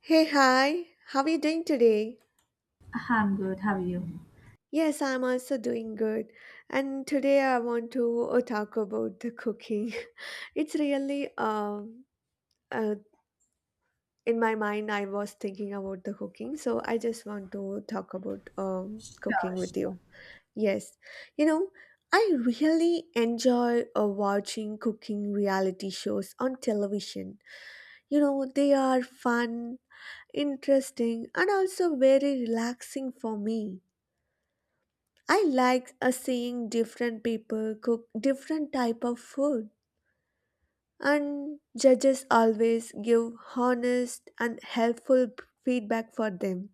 Hey, hi, how are you doing today? I'm good. How are you? Yes, I'm also doing good. And today I want to talk about the cooking. It's really, uh, in my mind, I was thinking about the cooking, so I just want to talk about cooking with you. Yes, you know, I really enjoy watching cooking reality shows on television. You know, they are fun, interesting, and also very relaxing for me. I like seeing different people cook different type of food, and judges always give honest and helpful feedback for them.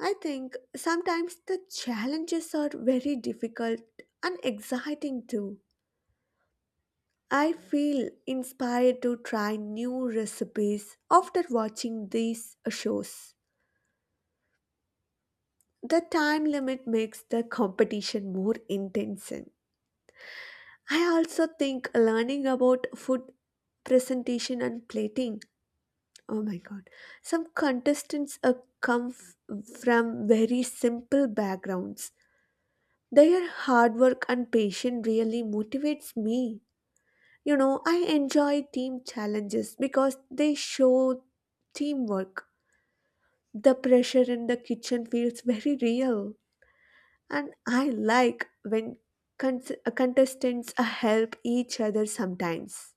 I think sometimes the challenges are very difficult and exciting too. I feel inspired to try new recipes after watching these shows. The time limit makes the competition more intense. I also think learning about food presentation and plating. Oh my god. Some contestants from very simple backgrounds. Their hard work and patience really motivates me. You know, I enjoy team challenges because they show teamwork. The pressure in the kitchen feels very real. And I like when contestants help each other sometimes.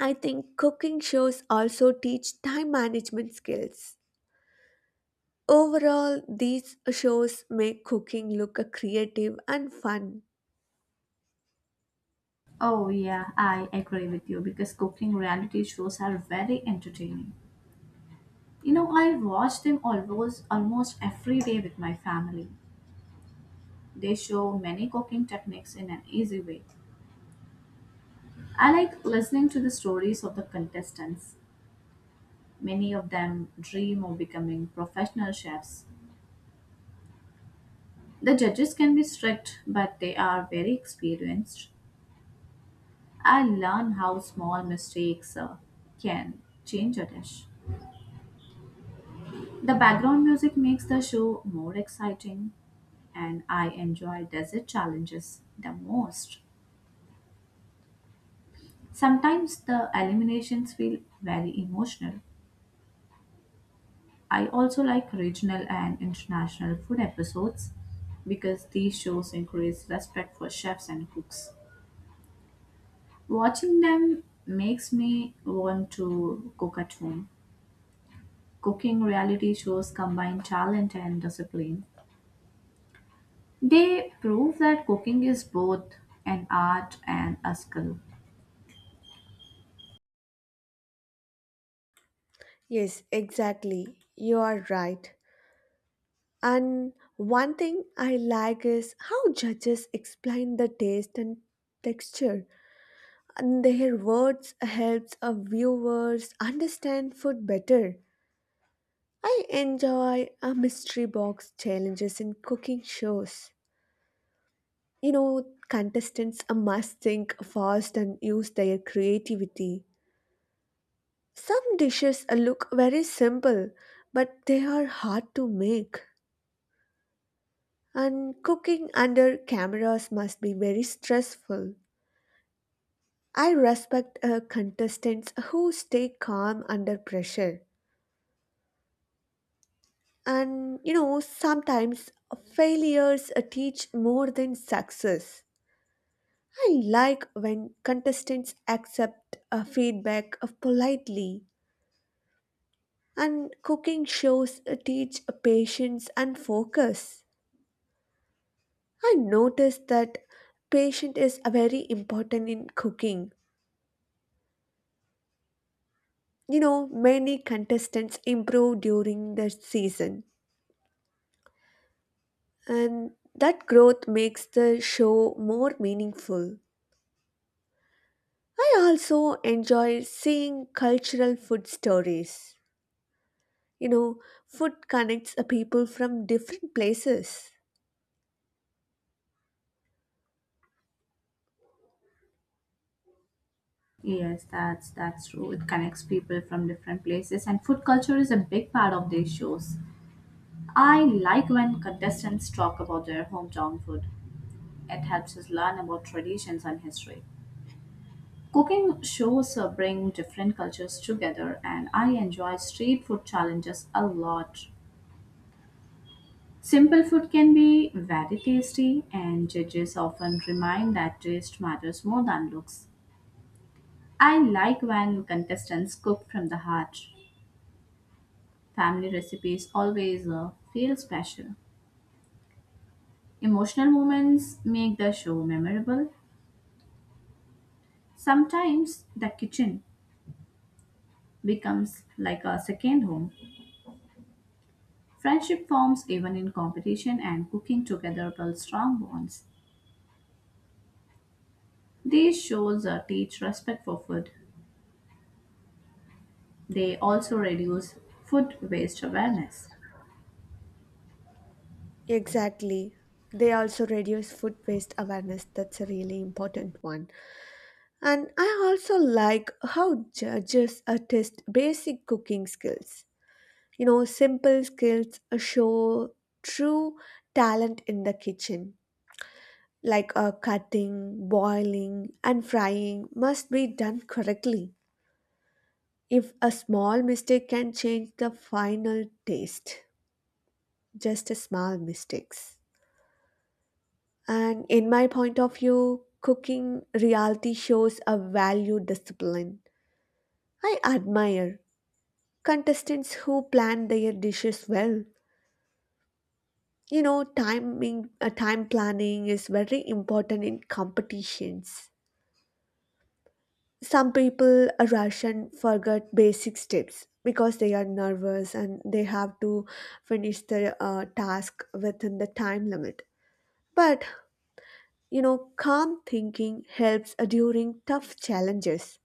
I think cooking shows also teach time management skills. Overall, these shows make cooking look a creative and fun. Oh, yeah, I agree with you because cooking reality shows are very entertaining. You know, I watch them almost every day with my family. They show many cooking techniques in an easy way. I like listening to the stories of the contestants. Many of them dream of becoming professional chefs. The judges can be strict, but they are very experienced. I learn how small mistakes can change a dish. The background music makes the show more exciting, and I enjoy desert challenges the most. Sometimes the eliminations feel very emotional. I also like regional and international food episodes because these shows increase respect for chefs and cooks. Watching them makes me want to cook at home. Cooking reality shows combine talent and discipline. They prove that cooking is both an art and a skill. Yes, exactly. You are right. And one thing I like is how judges explain the taste and texture. And their words helps our viewers understand food better. I enjoy a mystery box challenges in cooking shows. You know, contestants must think fast and use their creativity. Some dishes look very simple, but they are hard to make. And cooking under cameras must be very stressful. I respect contestants who stay calm under pressure. And you know, sometimes failures teach more than success. I like when contestants accept feedback politely, and cooking shows teach patience and focus. I noticed that patience is very important in cooking. You know, many contestants improve during the season, and that growth makes the show more meaningful. I also enjoy seeing cultural food stories. You know, food connects people from different places. Yes, that's true. It connects people from different places, and food culture is a big part of these shows. I like when contestants talk about their hometown food. It helps us learn about traditions and history. Cooking shows bring different cultures together, and I enjoy street food challenges a lot. Simple food can be very tasty, and judges often remind that taste matters more than looks. I like when contestants cook from the heart. Family recipes always feel special. Emotional moments make the show memorable. Sometimes the kitchen becomes like a second home. Friendship forms even in competition, and cooking together builds strong bonds. These shows teach respect for food. They also reduce food waste awareness. Exactly. They also reduce food waste awareness. That's a really important one. And I also like how judges test basic cooking skills. You know, simple skills show true talent in the kitchen. Like cutting, boiling, and frying must be done correctly. If a small mistake can change the final taste, just a small mistakes. And in my point of view, cooking reality shows a value discipline. I admire contestants who plan their dishes well. You know, time planning is very important in competitions. Some people rush and forget basic steps because they are nervous and they have to finish the task within the time limit. But you know, calm thinking helps during tough challenges.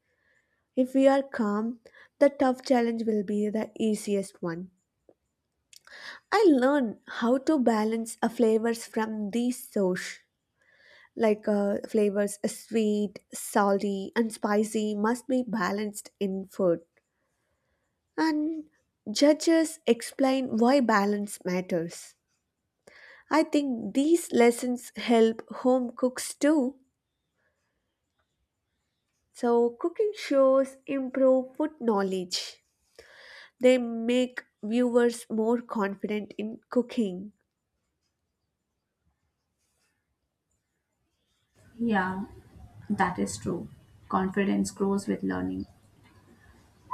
If we are calm, the tough challenge will be the easiest one. I learned how to balance flavors from these source. Like flavors sweet, salty, and spicy must be balanced in food. And judges explain why balance matters. I think these lessons help home cooks too. So, cooking shows improve food knowledge. They make viewers more confident in cooking. Yeah, that is true. Confidence grows with learning.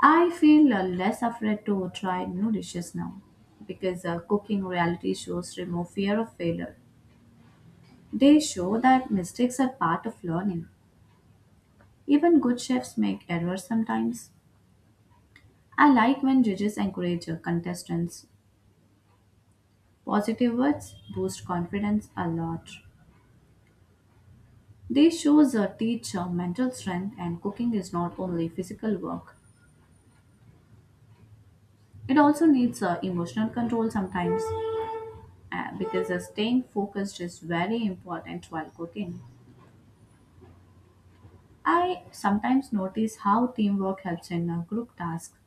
I feel less afraid to try new dishes now because cooking reality shows remove fear of failure. They show that mistakes are part of learning. Even good chefs make errors sometimes. I like when judges encourage contestants. Positive words boost confidence a lot. They shows teach teacher mental strength and cooking is not only physical work. It also needs emotional control sometimes because staying focused is very important while cooking. I sometimes notice how teamwork helps in group tasks.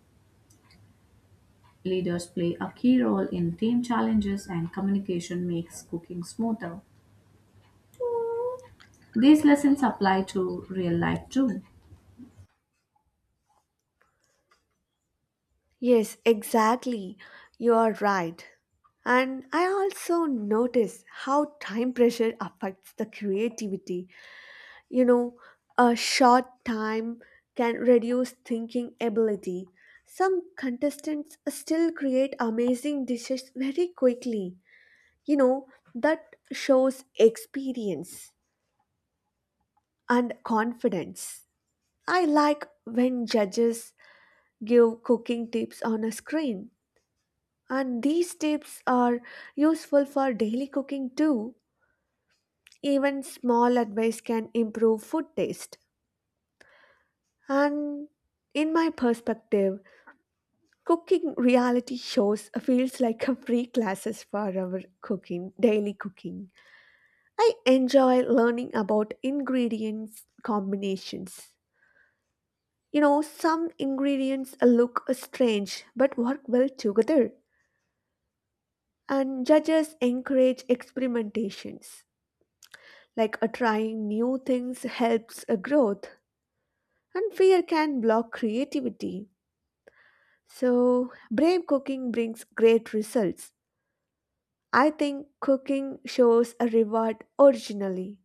Leaders play a key role in team challenges and communication makes cooking smoother. These lessons apply to real life too. Yes, exactly. You are right. And I also notice how time pressure affects the creativity. You know, a short time can reduce thinking ability. Some contestants still create amazing dishes very quickly. You know, that shows experience and confidence. I like when judges give cooking tips on a screen. And these tips are useful for daily cooking too. Even small advice can improve food taste. And in my perspective, cooking reality shows feels like a free classes for our cooking, daily cooking. I enjoy learning about ingredients combinations. You know, some ingredients look strange but work well together. And judges encourage experimentations, like a trying new things helps a growth, and fear can block creativity, so brave cooking brings great results. I think cooking shows a reward originally.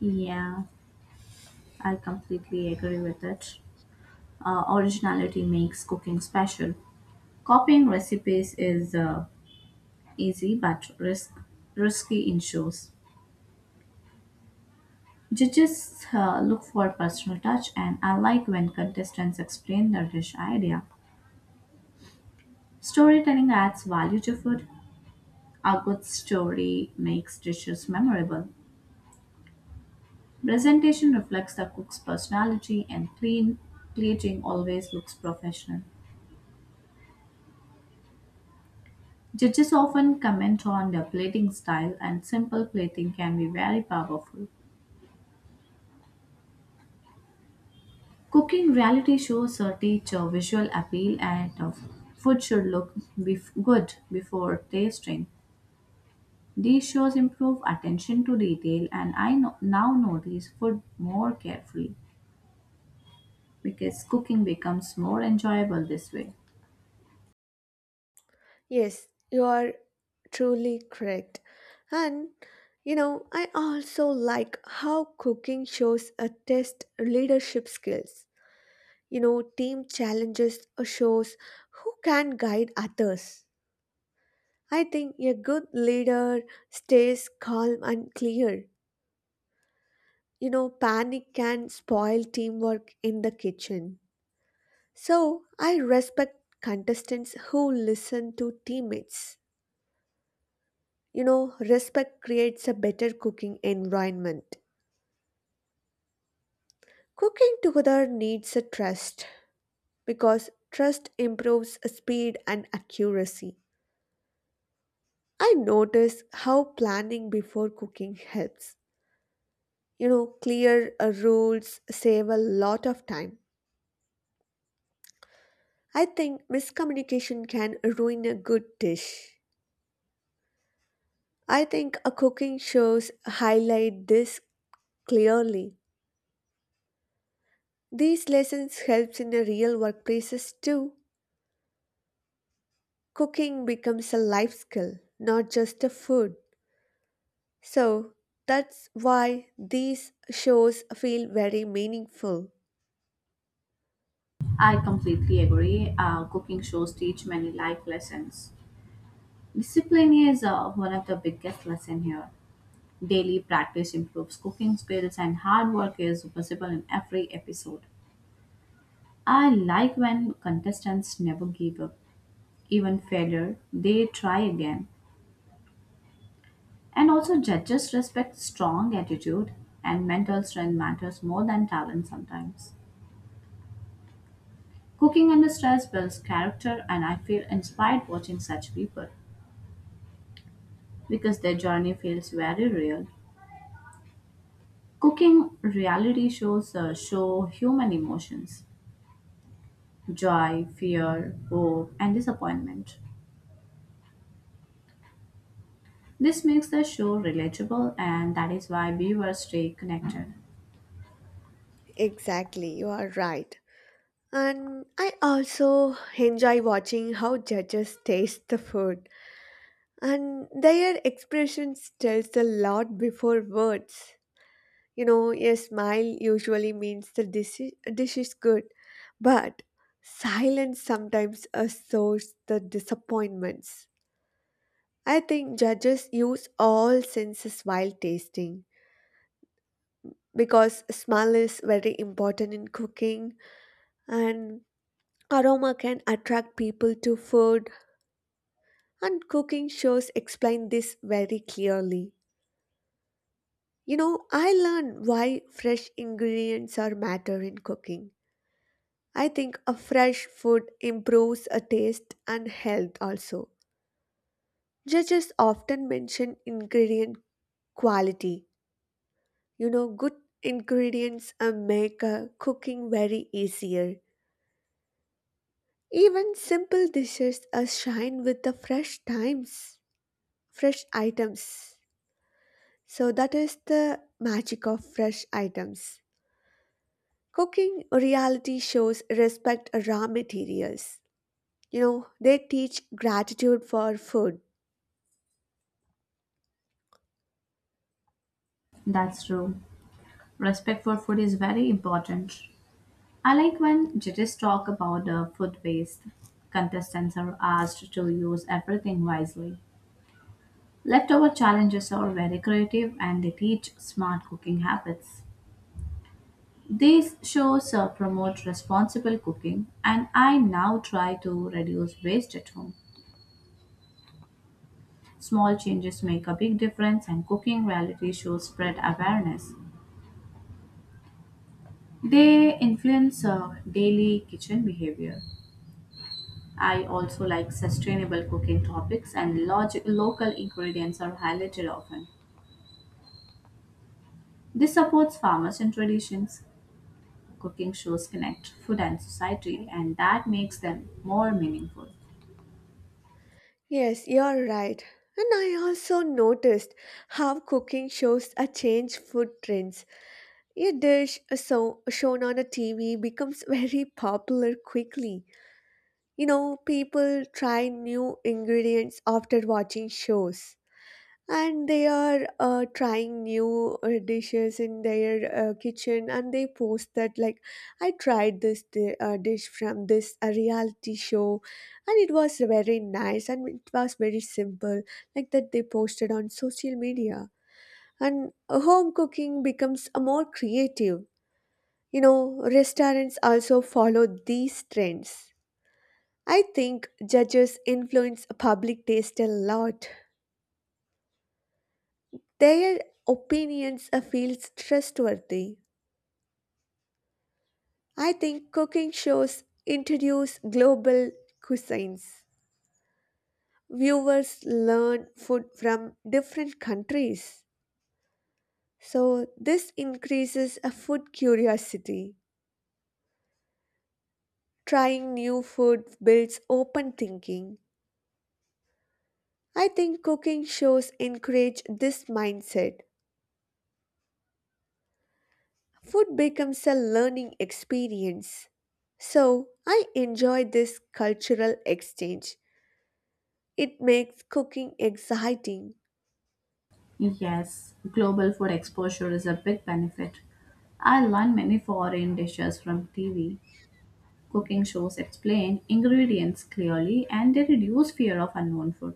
Yeah, I completely agree with it. Originality makes cooking special. Copying recipes is easy but risky in shows. Judges look for personal touch and I like when contestants explain their dish idea. Storytelling adds value to food. A good story makes dishes memorable. Presentation reflects the cook's personality and clean plating always looks professional. Judges often comment on the plating style, and simple plating can be very powerful. Cooking reality shows teach a visual appeal, and food should look good before tasting. These shows improve attention to detail, and I now notice food more carefully because cooking becomes more enjoyable this way. Yes, you are truly correct. And you know, I also like how cooking shows a test leadership skills. You know, team challenges or shows who can guide others. I think a good leader stays calm and clear. You know, panic can spoil teamwork in the kitchen. So, I respect contestants who listen to teammates. You know, respect creates a better cooking environment. Cooking together needs a trust because trust improves speed and accuracy. I notice how planning before cooking helps. You know, clear rules save a lot of time. I think miscommunication can ruin a good dish. I think a cooking shows highlight this clearly. These lessons helps in the real workplaces too. Cooking becomes a life skill, not just a food. So that's why these shows feel very meaningful. I completely agree. Cooking shows teach many life lessons. Discipline is one of the biggest lesson here. Daily practice improves cooking skills, and hard work is visible in every episode. I like when contestants never give up. Even failure, they try again. And also, judges respect strong attitude, and mental strength matters more than talent sometimes. Cooking under stress builds character, and I feel inspired watching such people because their journey feels very real. Cooking reality shows show human emotions: joy, fear, hope, and disappointment. This makes the show relatable, and that is why viewers stay connected. Exactly, you are right. And I also enjoy watching how judges taste the food. And their expressions tells a lot before words. You know, a smile usually means dish is good, but silence sometimes assures the disappointments. I think judges use all senses while tasting because smell is very important in cooking, and aroma can attract people to food. And cooking shows explain this very clearly. You know, I learned why fresh ingredients are matter in cooking. I think a fresh food improves a taste and health also. Judges often mention ingredient quality. You know, good ingredients make cooking very easier. Even simple dishes are shine with fresh items. So that is the magic of fresh items. Cooking reality shows respect raw materials. You know, they teach gratitude for food. That's true. Respect for food is very important. I like when judges talk about the food waste. Contestants are asked to use everything wisely. Leftover challenges are very creative and they teach smart cooking habits. These shows promote responsible cooking, and I now try to reduce waste at home. Small changes make a big difference, and cooking reality shows spread awareness. They influence daily kitchen behavior. I also like sustainable cooking topics, and local ingredients are highlighted often. This supports farmers and traditions. Cooking shows connect food and society, and that makes them more meaningful. Yes, you're right. And I also noticed how cooking shows a change food trends. A dish so shown on a TV becomes very popular quickly. You know, people try new ingredients after watching shows. And they are trying new dishes in their kitchen, and they post that like I tried this dish from this reality show, and it was very nice and it was very simple, like that they posted on social media. And home cooking becomes a more creative. You know, restaurants also follow these trends. I think judges influence public taste a lot. Their opinions feels trustworthy. I think cooking shows introduce global cuisines. Viewers learn food from different countries. So this increases a food curiosity. Trying new food builds open thinking. I think cooking shows encourage this mindset. Food becomes a learning experience. So, I enjoy this cultural exchange. It makes cooking exciting. Yes, global food exposure is a big benefit. I learn many foreign dishes from TV. Cooking shows explain ingredients clearly and they reduce fear of unknown food.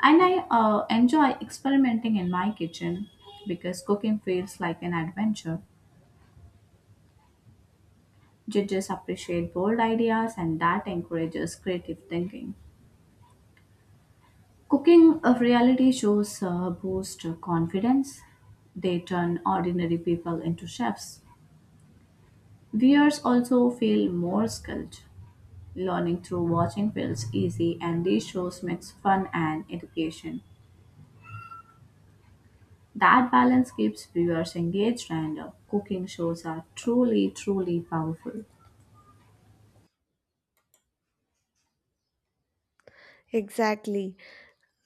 And I enjoy experimenting in my kitchen because cooking feels like an adventure. Judges appreciate bold ideas and that encourages creative thinking. Cooking of reality shows boost confidence. They turn ordinary people into chefs. Viewers also feel more skilled. Learning through watching feels easy, and these shows mix fun and education. That balance keeps viewers engaged, and cooking shows are truly powerful. Exactly.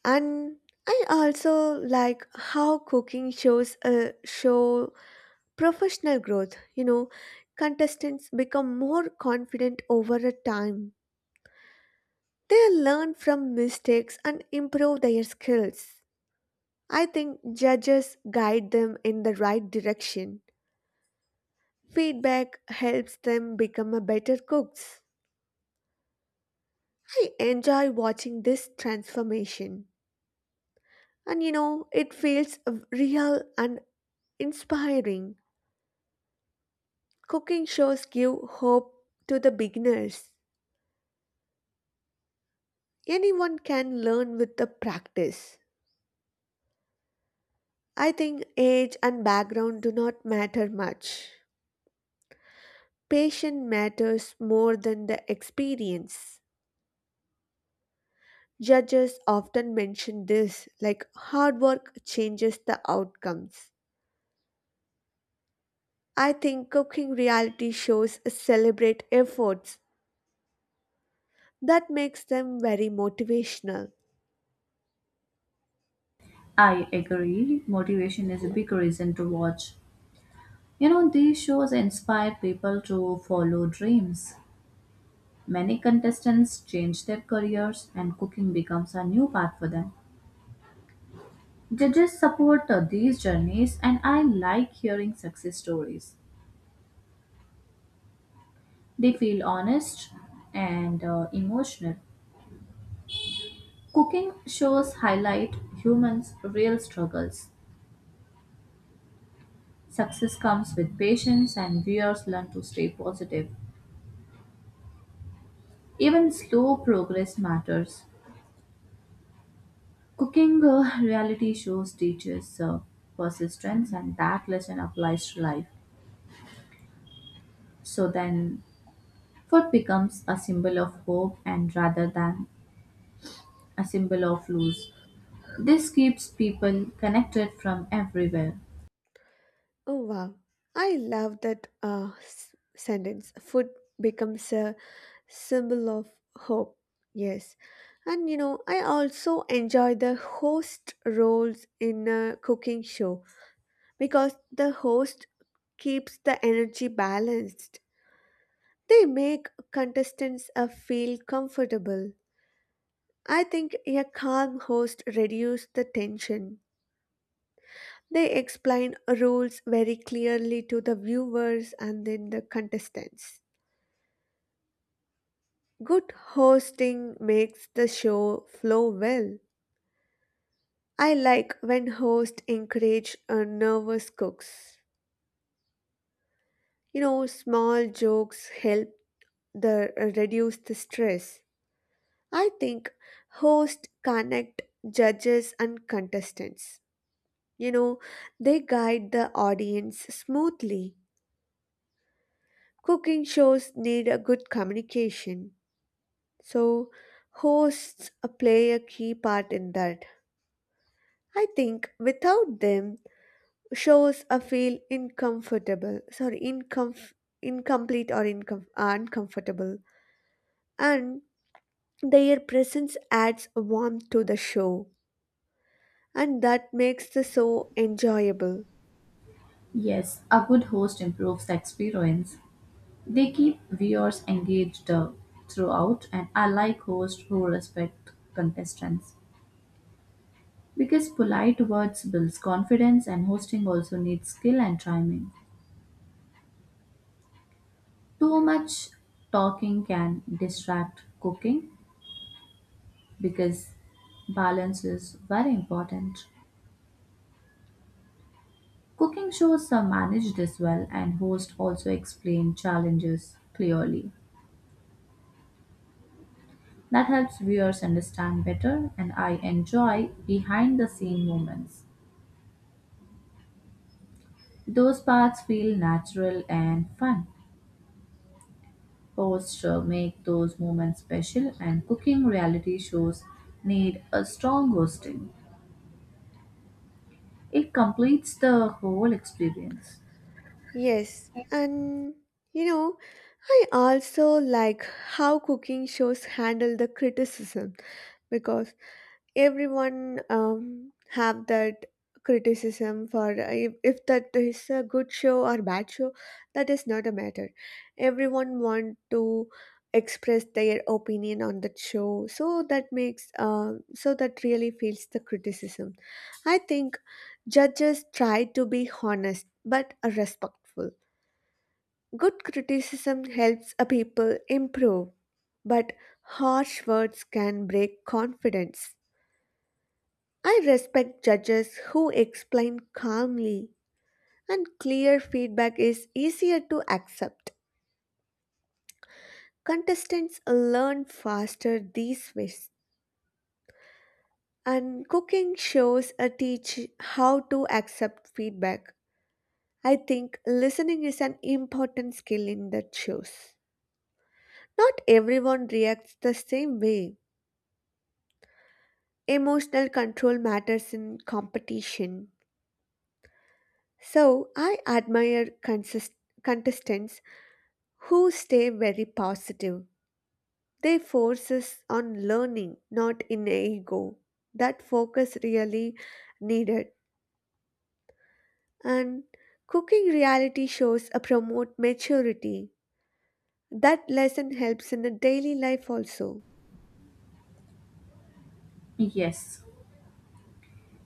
And I also like how cooking shows show professional growth. You know, contestants become more confident over a time. They learn from mistakes and improve their skills. I think judges guide them in the right direction. Feedback helps them become a better cooks. I enjoy watching this transformation. And you know, it feels real and inspiring. Cooking shows give hope to the beginners. Anyone can learn with the practice. I think age and background do not matter much. Patience matters more than the experience. Judges often mention this, like hard work changes the outcomes. I think cooking reality shows celebrate efforts. That makes them very motivational. I agree. Motivation is a big reason to watch. You know, these shows inspire people to follow dreams. Many contestants change their careers, and cooking becomes a new path for them. Judges support these journeys, and I like hearing success stories. They feel honest and emotional. Cooking shows highlight humans' real struggles. Success comes with patience, and viewers learn to stay positive. Even slow progress matters. Cooking reality shows teaches persistence, and that lesson applies to life. So then, food becomes a symbol of hope and rather than a symbol of loss. This keeps people connected from everywhere. Oh wow. I love that sentence. Food becomes a symbol of hope. Yes. And you know, I also enjoy the host roles in a cooking show because the host keeps the energy balanced. They make contestants feel comfortable. I think a calm host reduces the tension. They explain rules very clearly to the viewers and then the contestants. Good hosting makes the show flow well. I like when hosts encourage nervous cooks. You know, small jokes help the reduce the stress. I think hosts connect judges and contestants. You know, they guide the audience smoothly. Cooking shows need a good communication. So, hosts play a key part in that. I think without them, shows feel uncomfortable. Sorry, incomplete or uncomfortable. And their presence adds warmth to the show, and that makes the show enjoyable. Yes, a good host improves the experience. They keep viewers engaged throughout, and I like hosts who respect contestants. Because polite words builds confidence, and hosting also needs skill and timing. Too much talking can distract cooking because balance is very important. Cooking shows are managed as well, and hosts also explain challenges clearly. That helps viewers understand better, and I enjoy behind the scene moments. Those parts feel natural and fun. Posture make those moments special and cooking reality shows need a strong hosting. It completes the whole experience. Yes, and you know, I also like how cooking shows handle the criticism, because everyone have that criticism for if that is a good show or bad show. That is not a matter. Everyone want to express their opinion on that show, so that makes so that really feels the criticism. I think judges try to be honest but respectful. Good criticism helps a people improve, but harsh words can break confidence. I respect judges who explain calmly, and clear feedback is easier to accept. Contestants learn faster these ways, and cooking shows teach how to accept feedback. I think listening is an important skill in that shows. Not everyone reacts the same way. Emotional control matters in competition. So I admire contestants who stay very positive. They force on learning, not in ego. That focus really needed. And cooking reality shows promote maturity. That lesson helps in the daily life also. Yes,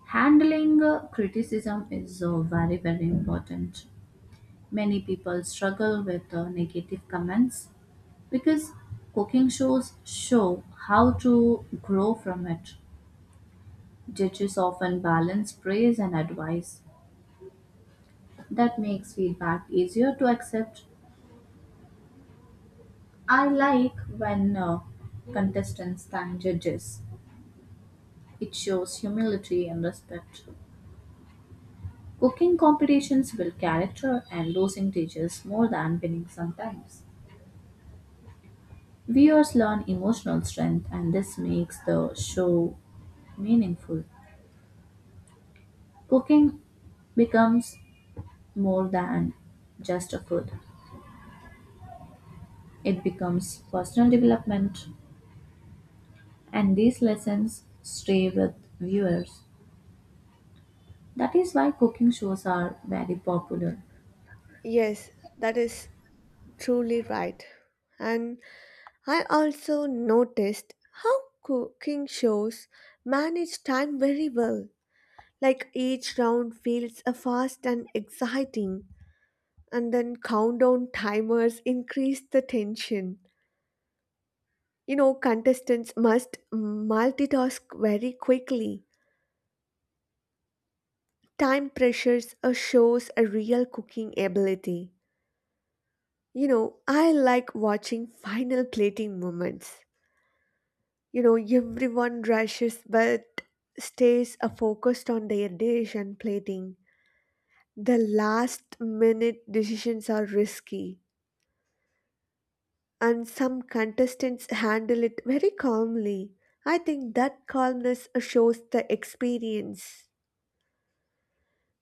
handling criticism is very important. Many people struggle with negative comments because cooking shows show how to grow from it. Judges often balance praise and advice. That makes feedback easier to accept. I like when contestants thank judges. It shows humility and respect. Cooking competitions build character and losing teaches more than winning sometimes. Viewers learn emotional strength and this makes the show meaningful. Cooking becomes more than just a food, it becomes personal development, and these lessons stay with viewers. That is why cooking shows are very popular. Yes, that is truly right. And I also noticed how cooking shows manage time very well. Like each round feels fast and exciting, and then countdown timers increase the tension. You know, contestants must multitask very quickly. Time pressures shows a real cooking ability. You know, I like watching final plating moments. You know, everyone rushes but stays focused on their dish and plating. The last minute decisions are risky, and some contestants handle it very calmly. I think that calmness shows the experience.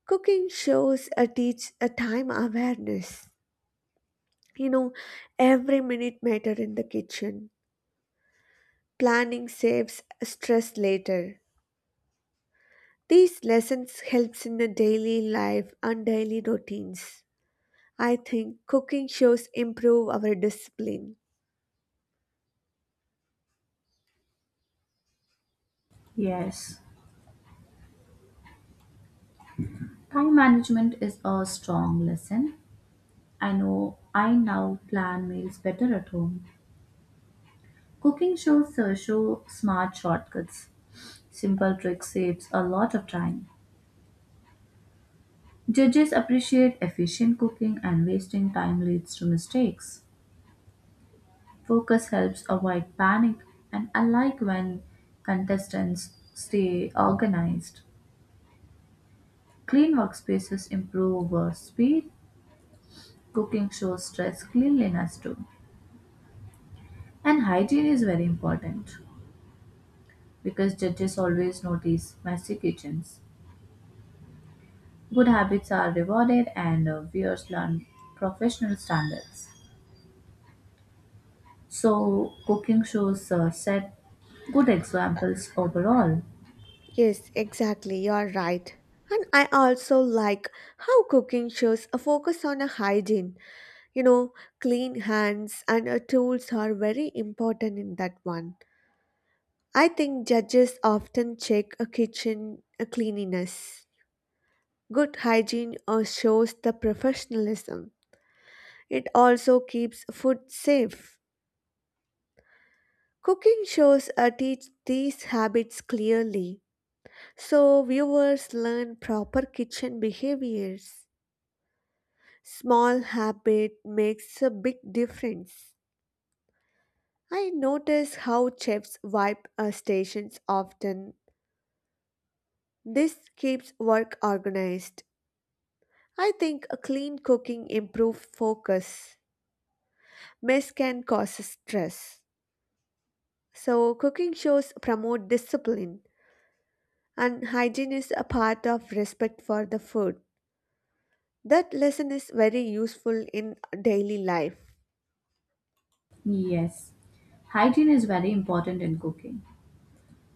Cooking shows a teach a time awareness. You know, every minute matter in the kitchen. Planning saves stress later. These lessons helps in the daily life and daily routines. I think cooking shows improve our discipline. Yes, time management is a strong lesson. I know I now plan meals better at home. Cooking shows show smart shortcuts. Simple tricks saves a lot of time. Judges appreciate efficient cooking and wasting time leads to mistakes. Focus helps avoid panic and I like when contestants stay organized. Clean workspaces improve speed. Cooking shows stress cleanliness too. And hygiene is very important because judges always notice messy kitchens. Good habits are rewarded and viewers learn professional standards. So, cooking shows set good examples overall. Yes, exactly. You're right. And I also like how cooking shows a focus on a hygiene. You know, clean hands and tools are very important in that one. I think judges often check a kitchen cleanliness. Good hygiene shows the professionalism. It also keeps food safe. Cooking shows teach these habits clearly, so viewers learn proper kitchen behaviors. Small habit makes a big difference. I notice how chefs wipe stations often. This keeps work organized. I think a clean cooking improves focus. Mess can cause stress. So cooking shows promote discipline, and hygiene is a part of respect for the food. That lesson is very useful in daily life. Yes, hygiene is very important in cooking.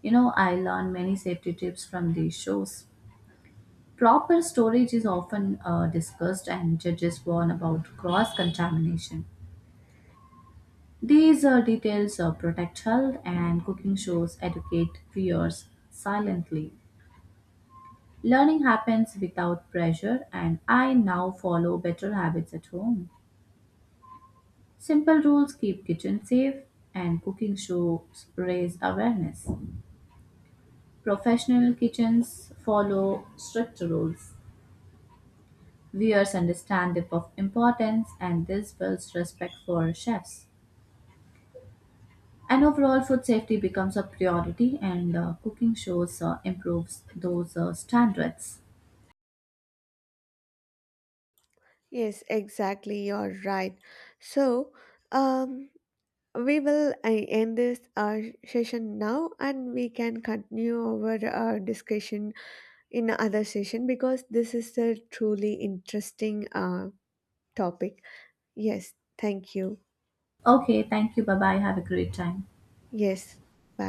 You know, I learned many safety tips from these shows. Proper storage is often discussed, and judges warn about cross contamination. These details protect health, and cooking shows educate viewers silently. Learning happens without pressure, and I now follow better habits at home. Simple rules keep kitchens safe, and cooking shows raise awareness. Professional kitchens follow strict rules. Viewers understand the of importance, and this builds respect for chefs. And overall, food safety becomes a priority, and cooking shows improves those standards. Yes, exactly, you're right. So, um, we will end this session now, and we can continue our discussion in other session because this is a truly interesting topic. Yes, thank you. Okay, thank you. Bye bye. Have a great time. Yes, bye.